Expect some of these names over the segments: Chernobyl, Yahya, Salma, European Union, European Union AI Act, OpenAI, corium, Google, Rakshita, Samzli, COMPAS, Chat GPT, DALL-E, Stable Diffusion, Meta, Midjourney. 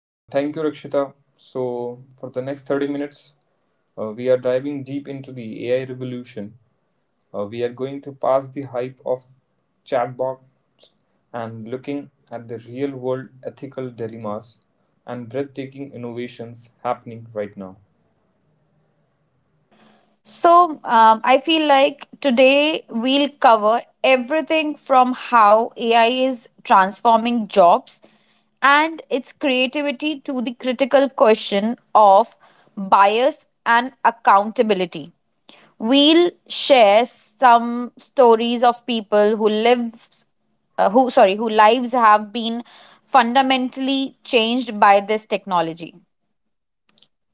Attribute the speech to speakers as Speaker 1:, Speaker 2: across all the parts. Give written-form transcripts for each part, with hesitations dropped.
Speaker 1: Thank you, Rakshita. So, for the next 30 minutes, we are diving deep into the AI revolution. We are going to pass the hype of chatbots and looking at the real world ethical dilemmas and breathtaking innovations happening right now.
Speaker 2: So, I feel like today we'll cover everything from how AI is transforming jobs and its creativity to the critical question of bias and accountability. We'll share some stories of people who lives who lives have been fundamentally changed by this technology.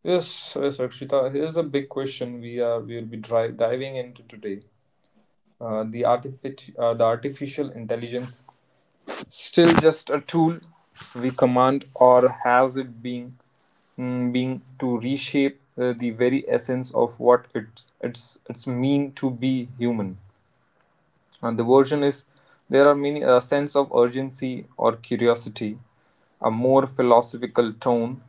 Speaker 1: Yes, yes, Rakshita. Here's a big question we will be diving into today. The artificial intelligence still just a tool we command, or has it been been to reshape the very essence of what it it's mean to be human. And the version is there are many a sense of urgency or curiosity, a more philosophical tone,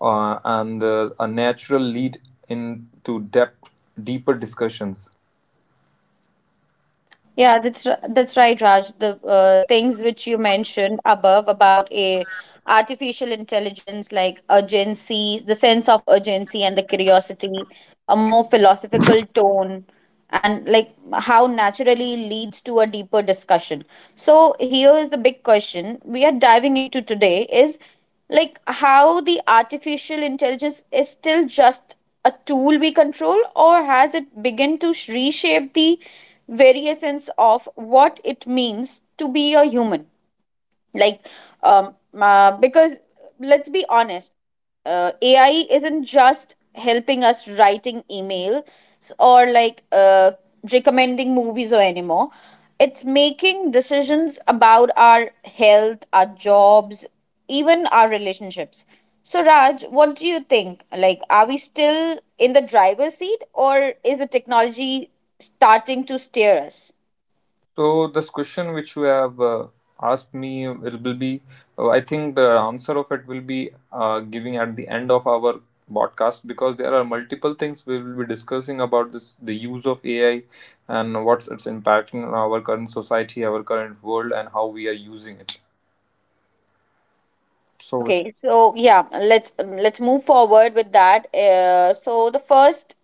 Speaker 1: and a natural lead into depth, deeper discussions.
Speaker 2: Yeah, that's right, Raj. The things which you mentioned above about a artificial intelligence, like urgency, the sense of urgency and the curiosity, a more philosophical tone, and like how naturally leads to a deeper discussion. So here is the big question we are diving into today: is like how the artificial intelligence is still just a tool we control or has it begun to reshape the very essence of what it means to be a human. Like, um because let's be honest, AI isn't just helping us writing emails or like recommending movies or anymore. It's making decisions about our health, our jobs, even our relationships. So, Raj, what do you think? Like, are we still in the driver's seat or is the technology starting to steer us?
Speaker 1: So this question which you have asked me will be, I think the answer of it will be giving at the end of our podcast, because there are multiple things we will be discussing about this the use of AI and what's its impacting on our current society, our current world, and how we are using it. So
Speaker 2: Okay, so yeah, let's move forward with that. So the first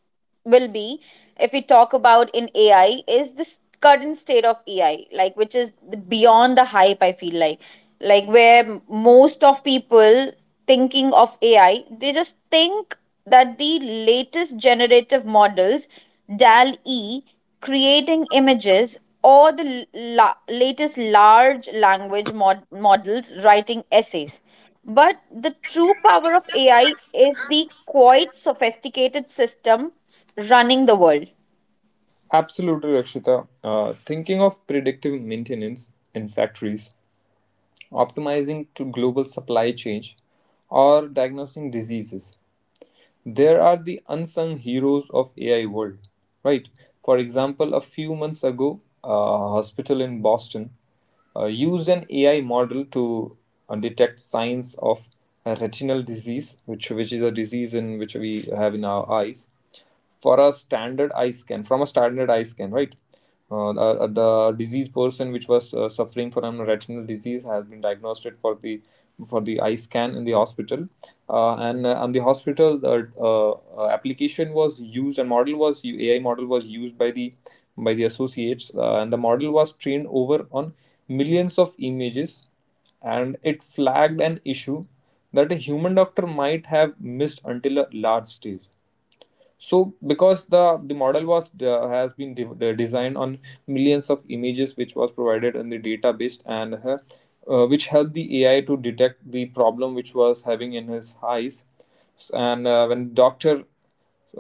Speaker 2: will be if we talk about in AI is this current state of AI, like which is beyond the hype. I feel like where most of people thinking of AI, they just think that the latest generative models, DAL E, creating images or the latest large language models writing essays, but the true power of AI is the quite sophisticated systems running the world.
Speaker 1: absolutely, Rakshita. Thinking of predictive maintenance in factories, optimizing to global supply change, or diagnosing diseases. There are the unsung heroes of AI world, right? For example, a few months ago, a hospital in Boston used an AI model to detect signs of retinal disease, which is a disease in which we have in our eyes, for a standard eye scan from a standard eye scan, right? Uh, the, uh, the disease person which was suffering from a retinal disease has been diagnosed for the eye scan in the hospital, and on the hospital the application was used and model was AI model was used by the associates, and the model was trained over on millions of images, and it flagged an issue that a human doctor might have missed until a large stage. So because the model was has been de- de- designed on millions of images which was provided in the database, and which helped the AI to detect the problem which was having in his eyes. S- and When doctor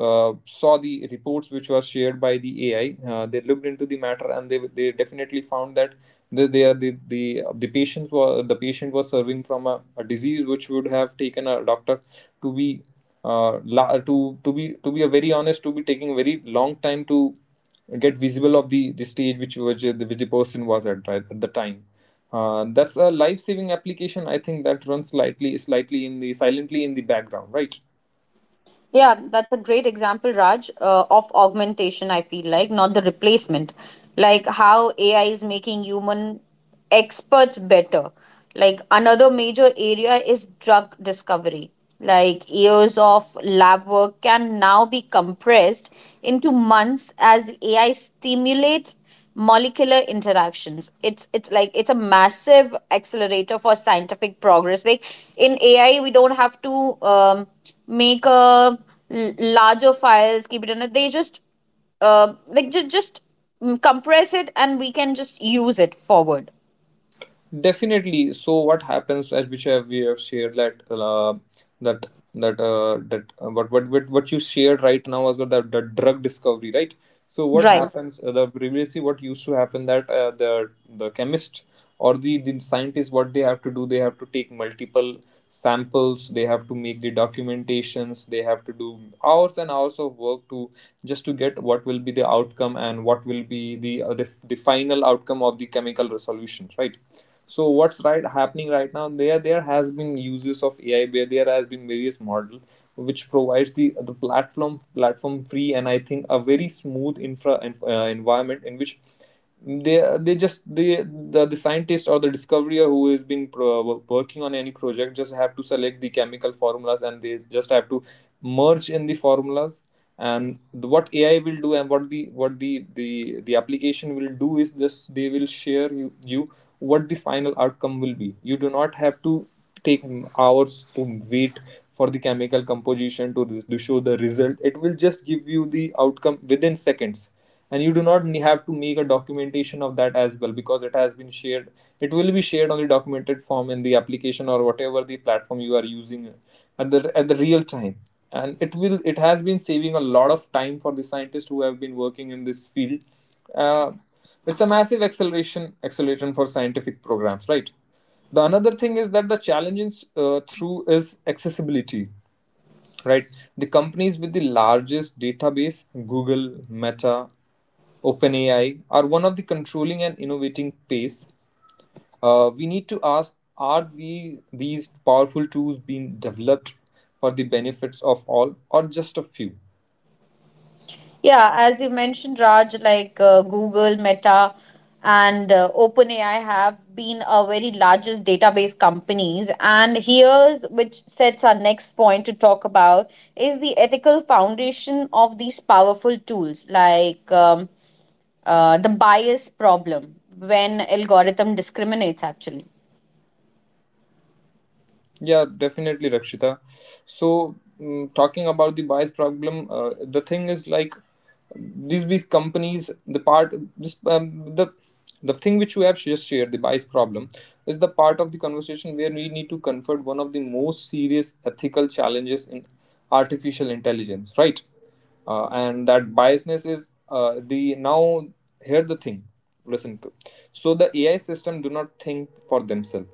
Speaker 1: saw the reports which were shared by the AI. They looked into the matter, and they definitely found that the the patients were the patient was serving from a disease which would have taken a doctor to be to be a very honest, to be taking a very long time to get visible of the stage which the person was at right at the time. That's a life saving application, I think, that runs slightly in the silently in the background, right?
Speaker 2: Yeah, that's a great example, Raj, of augmentation, I feel like, not the replacement. Like how AI is making human experts better. Like another major area is drug discovery. Like years of lab work can now be compressed into months as AI stimulates molecular interactions. It's like it's a massive accelerator for scientific progress. Like in AI we don't have to um, make a larger files, keep it in it. They just like just compress it and we can just use it forward,
Speaker 1: Definitely. So what happens, as which have we have shared that that what you shared right now was the drug discovery, right? So what
Speaker 2: right?
Speaker 1: happens? The previously what used to happen that the chemist or the scientist, what they have to do, they have to take multiple samples, they have to make the documentations, they have to do hours and hours of work to just to get what will be the outcome and what will be the the final outcome of the chemical resolutions, right? So what's right happening right now, there has been uses of AI where there has been various model which provides the platform free, and I think a very smooth environment in which the scientist or the discoverer who has been working on any project just have to select the chemical formulas, and they just have to merge in the formulas, and what AI will do and what the application will do is this, they will share you, you what the final outcome will be. You do not have to take hours to wait for the chemical composition to show the result, it will just give you the outcome within seconds. And you do not have to make a documentation of that as well, because it has been shared, it will be shared on the documented form in the application or whatever the platform you are using at the real time, and it will it has been saving a lot of time for the scientists who have been working in this field. uh, it's a massive acceleration for scientific programs, right? The another thing is that the challenges through is accessibility, right? The companies with the largest database, Google, Meta, OpenAI, are one of the controlling and innovating pace. We need to ask, are these powerful tools being developed for the benefits of all or just a few?
Speaker 2: Yeah, as you mentioned, Raj, like Google, Meta, and OpenAI have been our very largest database companies. And here's which sets our next point to talk about is the ethical foundation of these powerful tools, like the bias problem when algorithm discriminates. Actually,
Speaker 1: Yeah, definitely, Rakshita. So, talking about the bias problem, the thing is like these big companies, the part, this the thing which you have just shared, the bias problem, is the part of the conversation where we need to confront one of the most serious ethical challenges in artificial intelligence, right? And that biasness is the now. Here the thing, listen. To. So the AI system do not think for themselves,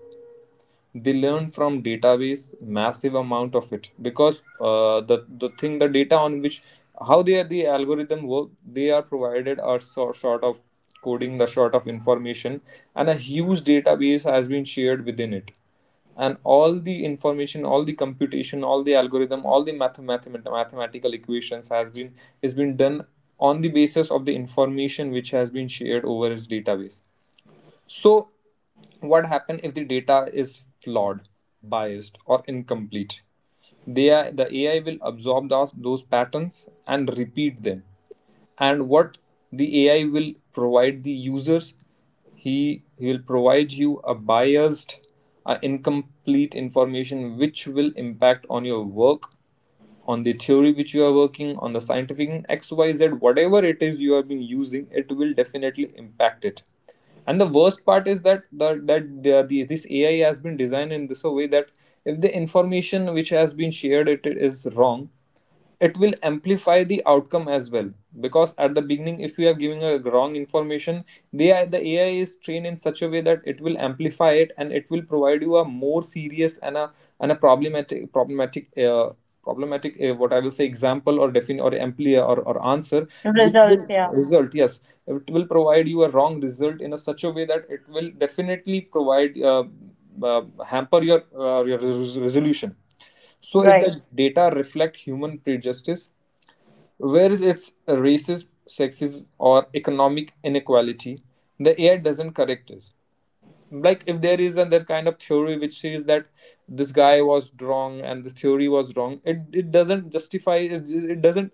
Speaker 1: they learn from database massive amount of it. Because the thing the data on which how they are the algorithm work they are provided are sort of coding the sort of information, and a huge database has been shared within it, and all the information all the computation all the algorithm all the mathematical equations has been is been done on the basis of the information which has been shared over its database. So, what happens if the data is flawed, biased, or incomplete? The AI will absorb those patterns and repeat them. And what the AI will provide the users, he will provide you a biased, incomplete information which will impact on your work, on the theory which you are working on, the scientific xyz, whatever it is you have been using, it will definitely impact it. And the worst part is that this AI has been designed in this a way that if the information which has been shared it is wrong, it will amplify the outcome as well. Because at the beginning if you are giving a wrong information, the AI is trained in such a way that it will amplify it, and it will provide you a more serious and a problematic what I will say, example or define or ampli or answer which
Speaker 2: results.
Speaker 1: will
Speaker 2: Yeah.
Speaker 1: result. Yes, it will provide you a wrong result in a such a way that it will definitely provide hamper your resolution. So if the
Speaker 2: Right.
Speaker 1: data reflect human prejudice, where is its racist, sexism, or economic inequality, the AI doesn't correct it. Like if there is another kind of theory which says that this guy was wrong and this theory was wrong, it doesn't justify it, it doesn't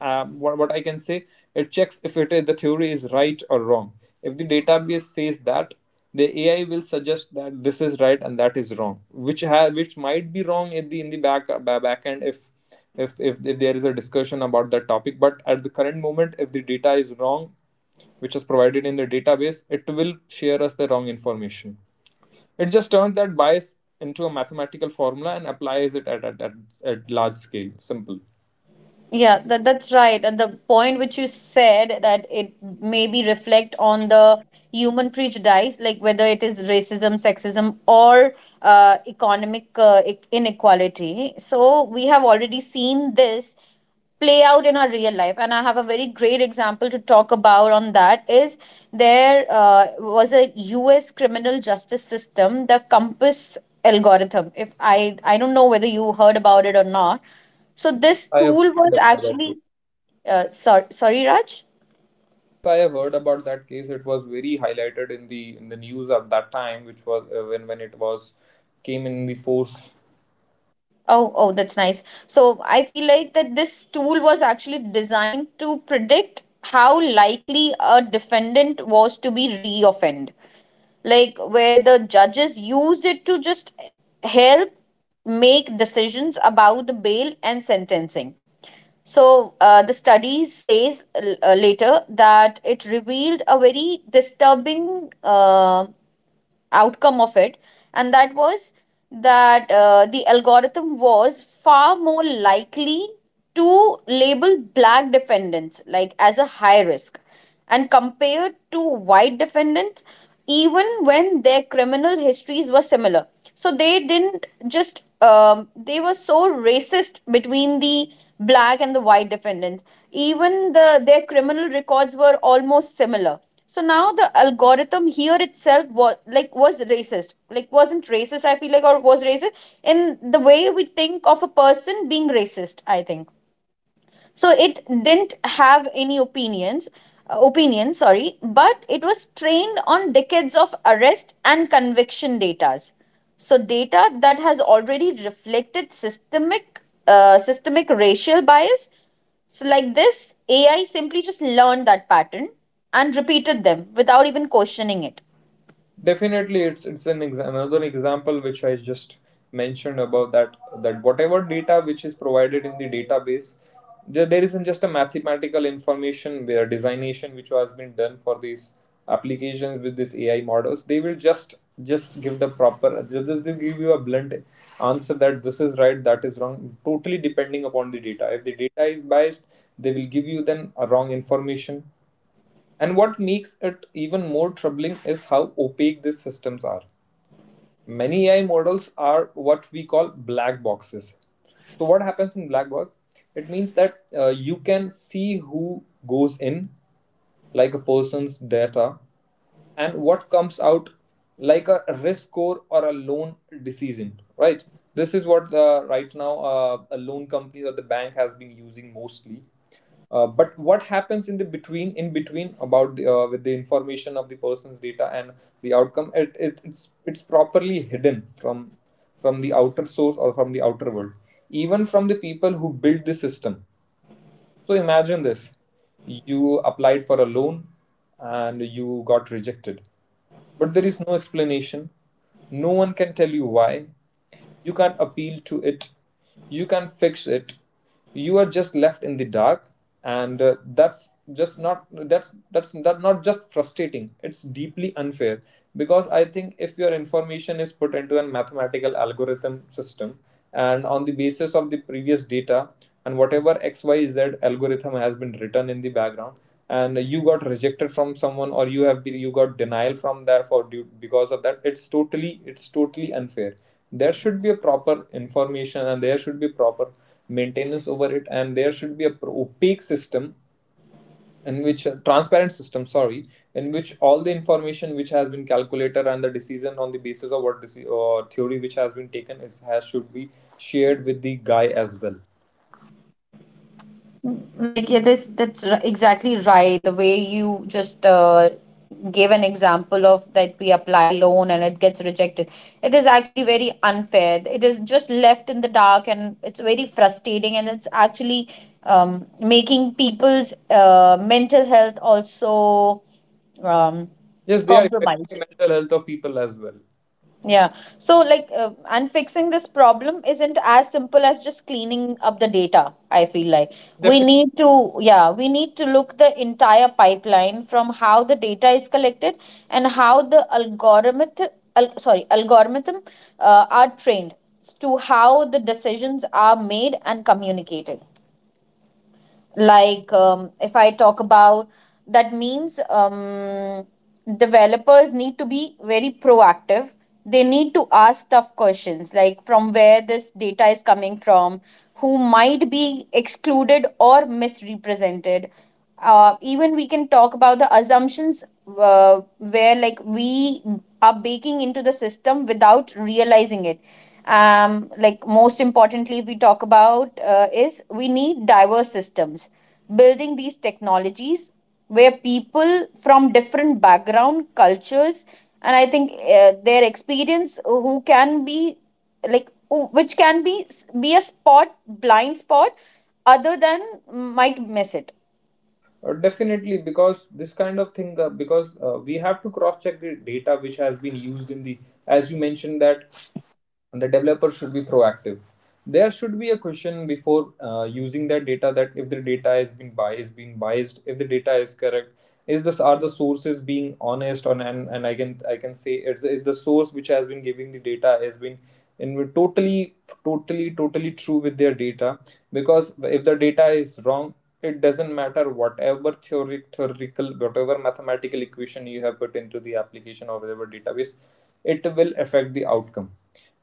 Speaker 1: what I can say, it checks if it is, the theory is right or wrong. If the database says that, the AI will suggest that this is right and that is wrong, which has which might be wrong in the back end. If there is a discussion about that topic, but at the current moment if the data is wrong which is provided in the database, it will share us the wrong information. It just turns that bias into a mathematical formula and applies it at large scale. Simple.
Speaker 2: Yeah, that's right. And the point which you said that it maybe reflect on the human prejudice, like whether it is racism, sexism, or economic inequality. So we have already seen this play out in our real life, and I have a very great example to talk about on that is there was a US criminal justice system, the compass algorithm. If I don't know whether you heard about it or not. So this
Speaker 1: I have
Speaker 2: tool
Speaker 1: heard
Speaker 2: was
Speaker 1: about that. Case.
Speaker 2: actually sorry, Raj.
Speaker 1: Yes, I have heard about that case. It was very highlighted in the news at that time, which was when it was came in the force.
Speaker 2: Oh, oh, that's nice. So I feel like that this tool was actually designed to predict how likely a defendant was to be re-offend. Like where the judges used it to just help make decisions about the bail and sentencing. So the studies says later that it revealed a very disturbing outcome of it. And that was that the algorithm was far more likely to label black defendants like as a high risk and compared to white defendants, even when their criminal histories were similar. So they didn't just they were so racist between the black and the white defendants. Even their criminal records were almost similar. So now the algorithm here itself was, like, was racist, like wasn't racist, I feel like, or was racist in the way we think of a person being racist, I think. So it didn't have any opinions, opinion, sorry, but it was trained on decades of arrest and conviction datas. So data that has already reflected systemic racial bias. So like this AI simply just learned that pattern and repeated them without even questioning it.
Speaker 1: Definitely, it's another example which I just mentioned about that, that whatever data which is provided in the database, there isn't just a mathematical information where designation which has been done for these applications with these AI models. They will just give the proper just they give you a blunt answer that this is right, that is wrong, totally depending upon the data. If the data is biased, they will give you then a wrong information. And what makes it even more troubling is how opaque these systems are. Many AI models are what we call black boxes. So, what happens in black box? It means that you can see who goes in, like a person's data, and what comes out, like a risk score or a loan decision, right? This is what the right now, a loan company or the bank has been using mostly. But what happens in the between in between about the, with the information of the person's data and the outcome, it's properly hidden from the outer source or from the outer world, even from the people who build the system. So imagine this: you applied for a loan and you got rejected. But there is no explanation. No one can tell you why. You can't appeal to it. You can't fix it. You are just left in the dark, and that's not just frustrating. It's deeply unfair, because I think if your information is put into a mathematical algorithm system, and on the basis of the previous data and whatever x y z algorithm has been written in the background, and you got rejected from someone, or you have been, you got denial from there for due, because of that, it's totally, it's totally unfair. There should be a proper information, and there should be proper maintenance over it, and there should be a opaque system, in which a transparent system, sorry, in which all the information which has been calculated and the decision on the basis of what deci- or theory which has been taken is has should be shared with the guy as well.
Speaker 2: Like, yeah, exactly right. The way you just gave an example of that we apply loan and it gets rejected, it is actually very unfair. It is just left in the dark and it's very frustrating, and it's actually making people's mental health also um,
Speaker 1: Yes, they are affecting the
Speaker 2: compromised.
Speaker 1: mental health of people as well.
Speaker 2: Yeah. So, like, and fixing this problem isn't as simple as just cleaning up the data, I feel like. We
Speaker 1: Definitely.
Speaker 2: need to, yeah, we need to look the entire pipeline from how the data is collected and how the algorithm, algorithm are trained, to how the decisions are made and communicated. Like if I talk about, that means developers need to be very proactive. They need to ask tough questions, like from where this data is coming from, who might be excluded or misrepresented. Even we can talk about the assumptions where like we are baking into the system without realizing it. Like most importantly we talk about is we need diverse systems building these technologies where people from different background cultures, and I think their experience who can be like which can be a spot blind spot other than might miss it.
Speaker 1: Definitely, because this kind of thing, because we have to cross check the data which has been used in the, as you mentioned that, and the developer should be proactive. There should be a question before using that data, that if the data has been biased, being biased, if the data is correct, is this, are the sources being honest on, and I can say it's the source which has been giving the data has been in totally, totally true with their data, because if the data is wrong, it doesn't matter whatever theoric theoretical whatever mathematical equation you have put into the application or whatever database, it will affect the outcome.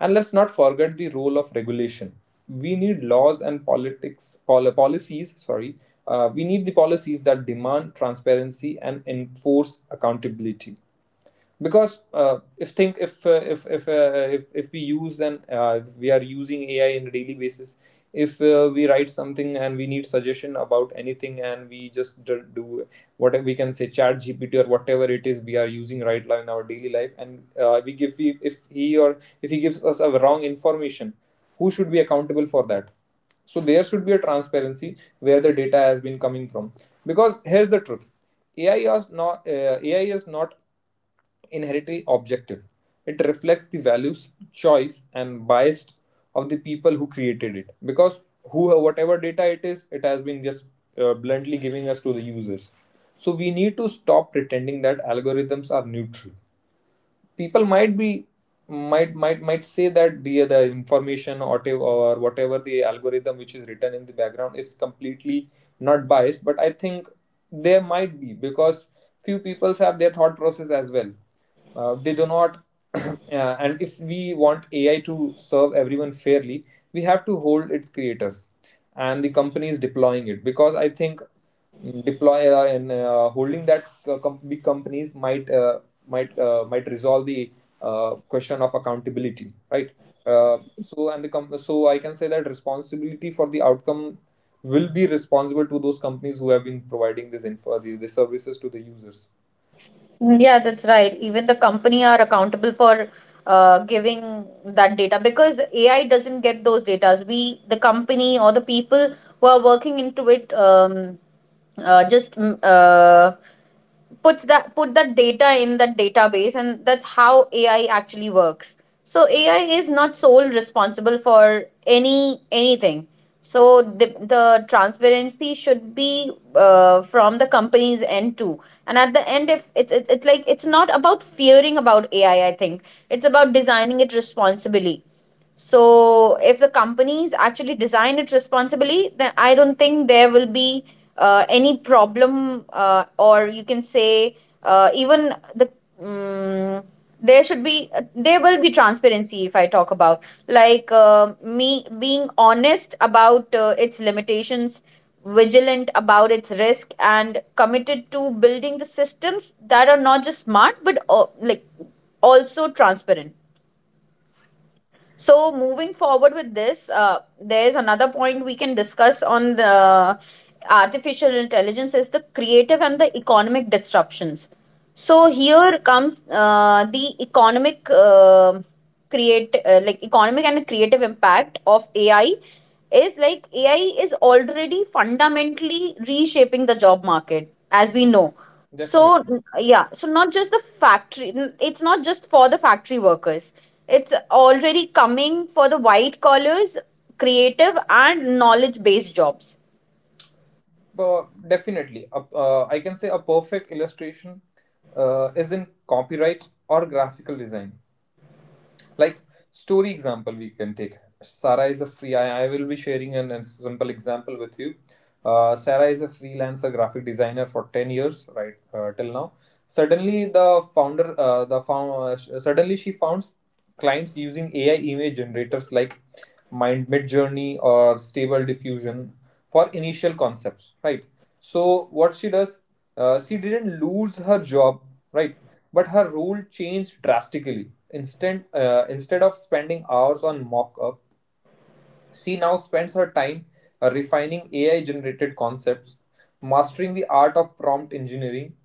Speaker 1: And let's not forget the role of regulation. We need laws and politics pol- policies. Sorry, we need the policies that demand transparency and enforce accountability. Because if think if we use, and we are using AI in a daily basis, if we write something and we need suggestion about anything, and we just do what we can say Chat GPT or whatever it is we are using right now in our daily life, and we give we, if he, or if he gives us a wrong information, who should be accountable for that? So there should be a transparency where the data has been coming from. Because here's the truth: AI is not uh, AI is not inherently objective. It reflects the values, choice, and bias of the people who created it. Because who, whatever data it is, it has been just bluntly giving us to the users. So we need to stop pretending that algorithms are neutral. People might be, might say that the information or te- or whatever the algorithm which is written in the background is completely not biased, but I think there might be, because few people have their thought process as well. They do not. And if we want AI to serve everyone fairly, we have to hold its creators and the companies deploying it, because I think, mm, deploy and holding that big companies might might resolve the question of accountability, right? So, and the com-, so I can say that responsibility for the outcome will be responsible to those companies who have been providing this info, these services to the users.
Speaker 2: Mm, yeah, that's right. Even the company are accountable for giving that data because AI doesn't get those data. We, the company or the people who are working into it, just put that data in that database, and that's how AI actually works. So AI is not sole responsible for anything. So the transparency should be from the company's end too. And at the end, if it's, it's like it's not about fearing about AI. I think it's about designing it responsibly. So if the companies actually design it responsibly, then I don't think there will be any problem, or you can say, even the, um, there will be transparency if I talk about, like, me being honest about its limitations, vigilant about its risk, and committed to building the systems that are not just smart but like also transparent. So, moving forward with this, there's another point we can discuss on the artificial intelligence is the creative and the economic disruptions. So, here comes the economic create like economic and creative impact of AI is like AI is already fundamentally reshaping the job market, as we know. So,
Speaker 1: Definitely.
Speaker 2: yeah, so not just the factory, it's not just for the factory workers. It's already coming for the white collars, creative and knowledge based jobs.
Speaker 1: uh, I can say a perfect illustration is in copyright or graphical design. Like story example we can take, Sarah is a free, I will be sharing an simple example with you. Sarah is a freelancer graphic designer for 10 years, right, till now. Suddenly, the founder suddenly she found clients using AI image generators like mind mid journey or stable diffusion for initial concepts, right? So what she does, she didn't lose her job, right? But her role changed drastically. Instead of spending hours on mock up, she now spends her time refining AI generated concepts, mastering the art of prompt engineering,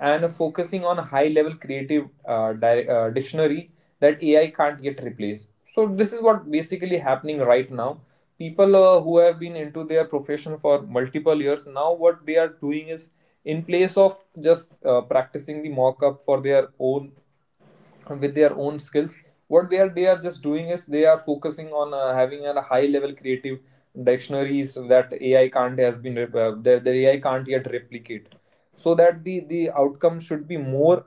Speaker 1: and focusing on high level creative dictionary that AI can't yet replace. So this is what basically happening right now. People who have been into their profession for multiple years now, what they are doing is, in place of just practicing the mock up for their own, with their own skills, what they are, they are just doing is they are focusing on having a high level creative dictionaries that AI can't has been rep-, the AI can't yet replicate, so that the outcome should be more,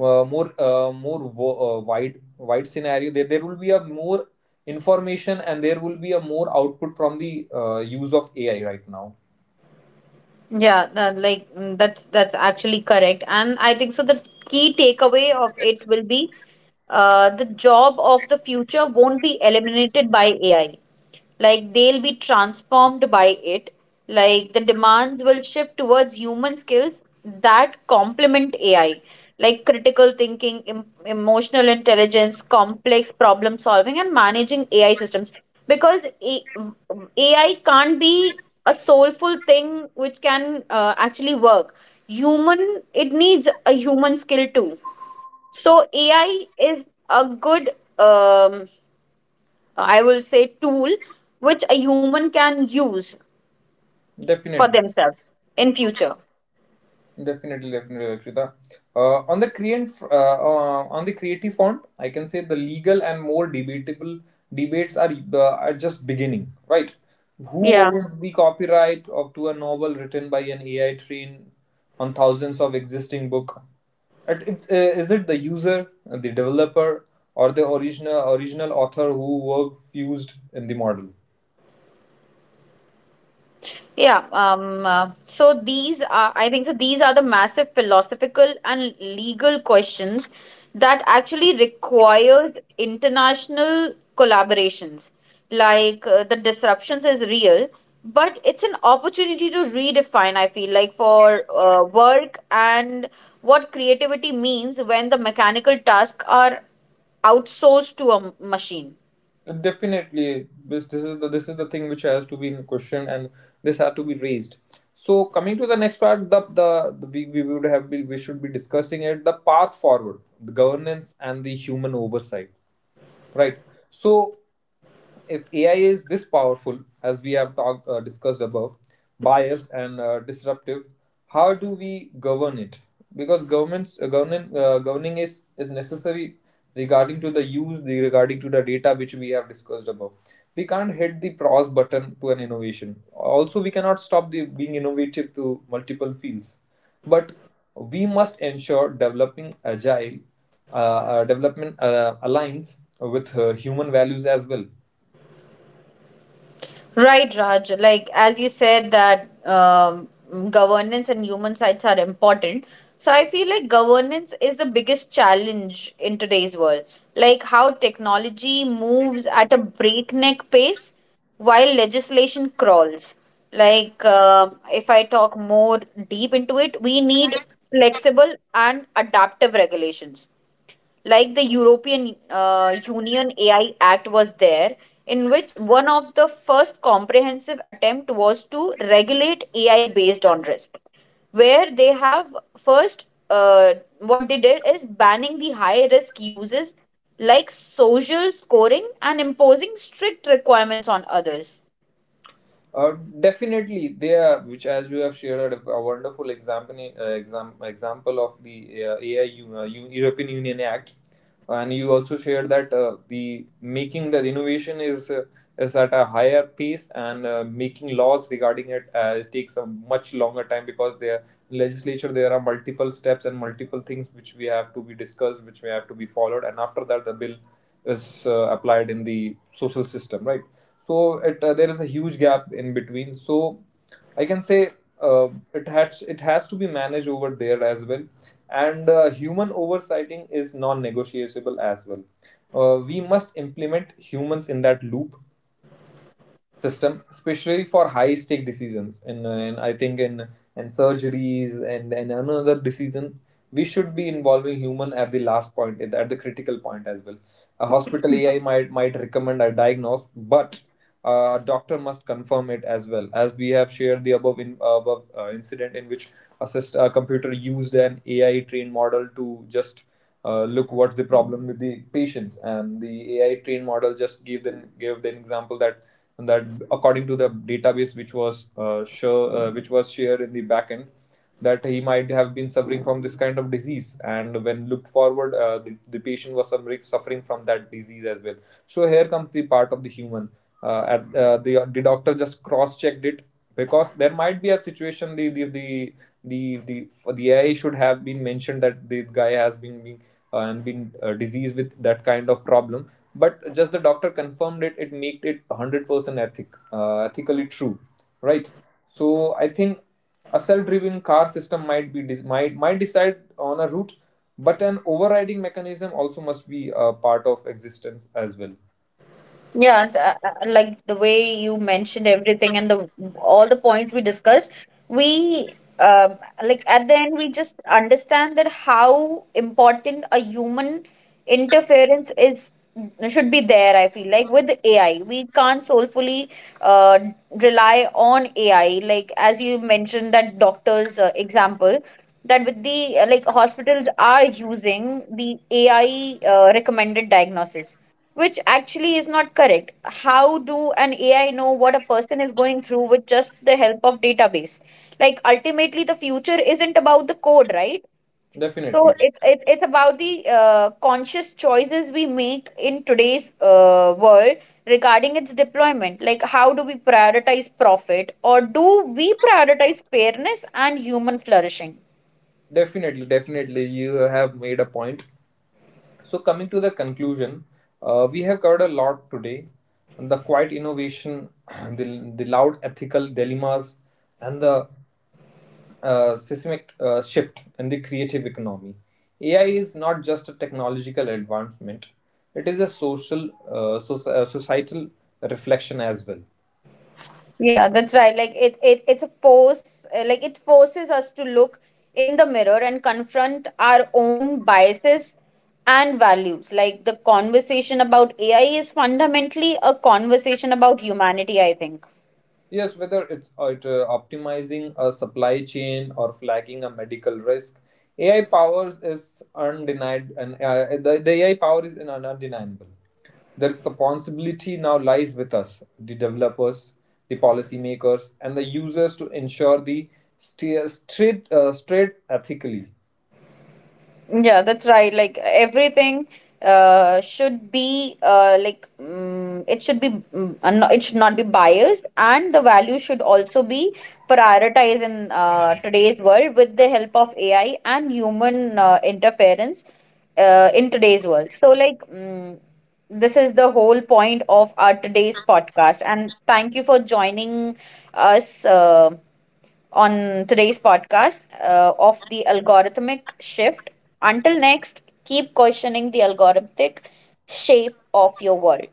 Speaker 1: wide, wide scenario. There will be a more information, and there will be a more output from the use of AI right now.
Speaker 2: Yeah, like that's actually correct. And I think so the key takeaway of it will be the job of the future won't be eliminated by AI. Like they'll be transformed by it. Like the demands will shift towards human skills that complement AI, like critical thinking, emotional intelligence, complex problem solving, and managing AI systems. Because AI can't be a soulful thing which can actually work. Human, it needs a human skill too. So AI is a good, um, I will say, tool which a human can use for
Speaker 1: Definitely.
Speaker 2: themselves in future.
Speaker 1: Definitely, definitely, Lakshita. On the creative front, I can say the legal and more debatable debates are just beginning. Right? Who
Speaker 2: Yeah.
Speaker 1: owns the copyright of to a novel written by an AI trained on thousands of existing book? It, it's Is it the user, the developer, or the original author who were fused in the model?
Speaker 2: Yeah, so these are, I think, so these are the massive philosophical and legal questions that actually requires international collaborations. Like the disruptions is real, but it's an opportunity to redefine, I feel like, for work and what creativity means when the mechanical tasks are outsourced to a machine.
Speaker 1: Definitely, this is the this is the thing which has to be in question, and this had to be raised. So coming to the next part, we would have been we should be discussing it the path forward, the governance and the human oversight, right? So if AI is this powerful, as we have talked, discussed above, biased and disruptive, how do we govern it? Because governments governing is necessary regarding to the use, the regarding to the data which we have discussed above. We can't hit the pause button to an innovation. Also, we cannot stop the being innovative to multiple fields, but we must ensure developing agile uh, development aligns with human values as well.
Speaker 2: Right, Raj. Like as you said that governance and human rights are important. So I feel like governance is the biggest challenge in today's world. Like how technology moves at a breakneck pace while legislation crawls. Like if I talk more deep into it, we need flexible and adaptive regulations like the European Union AI Act was there, in which one of the first comprehensive attempt was to regulate AI based on risk, where they have first what they did is banning the high risk uses like social scoring and imposing strict requirements on others.
Speaker 1: Uh, Definitely, they are, which as you have shared, a wonderful example, example of the AI European Union Act, and you also shared that the making the innovation is at a higher pace, and making laws regarding it takes a much longer time, because there legislature there are multiple steps and multiple things which we have to be discussed, which we have to be followed, and after that the bill is applied in the social system, right? So it there is a huge gap in between. So I can say uh, it has, it has to be managed over there as well. And human oversighting is non-negotiable as well. We must implement humans in that loop system, especially for high stake decisions. And I think in and surgeries and another decision, we should be involving human at the last point, at the critical point as well. A hospital AI might recommend a diagnose, but a doctor must confirm it as well. As we have shared the above in, above incident in which a, syst- a computer used an AI trained model to just look what's the problem with the patients, and the AI trained model just gave them, gave an example that that, according to the database which was which was shared in the backend, that he might have been suffering from this kind of disease, and when looked forward, the patient was suffering from that disease as well. So here comes the part of the human. At The doctor just cross checked it, because there might be a situation the AI should have been mentioned that the guy has been being, and been diseased with that kind of problem, but just the doctor confirmed it, it made it 100% ethic, ethically true, right? So I think a self-driven car system might be de- might decide on a route, but an overriding mechanism also must be a part of existence as well.
Speaker 2: Yeah, like the way you mentioned everything and the all the points we discussed, we like at the end we just understand that how important a human interference is should be there. I feel like with AI, we can't soulfully uh, rely on AI. Like as you mentioned that doctors example. That with the like hospitals are using the AI recommended diagnosis which actually is not correct. How do an AI know what a person is going through with just the help of database? Like ultimately the future isn't about the code, right? So
Speaker 1: Definitely,
Speaker 2: it's about the conscious choices we make in today's world regarding its deployment. Like how do we prioritize profit or do we prioritize fairness and human flourishing?
Speaker 1: definitely, you have made a point. So, coming to the conclusion, we have covered a lot today: the quiet innovation, the loud ethical dilemmas, and the seismic shift in the creative economy. AI is not just a technological advancement, it is a social, societal reflection as well.
Speaker 2: Yeah, that's right. Like it's a force like it forces us to look in the mirror and confront our own biases and values. Like the conversation about AI is fundamentally a conversation about humanity, I think.
Speaker 1: Yes, whether it's optimizing a supply chain or flagging a medical risk, AI powers is undenied, and the AI power is un- undeniable. The responsibility now lies with us, the developers, the policymakers, and the users, to ensure the st- straight, straight ethically.
Speaker 2: Yeah, that's right. Like everything should be like it should be it should not be biased, and the value should also be prioritized in today's world with the help of AI and human interference in today's world. So like this is the whole point of our today's podcast, and thank you for joining us on today's podcast of the algorithmic shift. Until next, keep questioning the algorithmic shape of your world.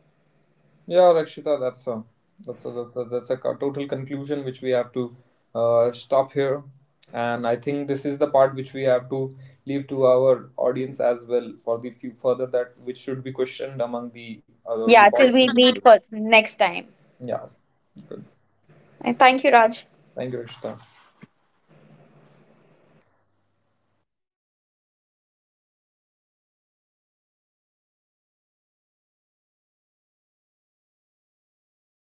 Speaker 1: Yeah, Rakshita, that's a co- total conclusion which we have to stop here, and I think this is the part which we have to leave to our audience as well, for the few further that which should be questioned among the
Speaker 2: Yeah, till we meet
Speaker 1: policymakers.
Speaker 2: for next time.
Speaker 1: Yeah, good.
Speaker 2: And thank you, Raj.
Speaker 1: Thank you, Rakshita.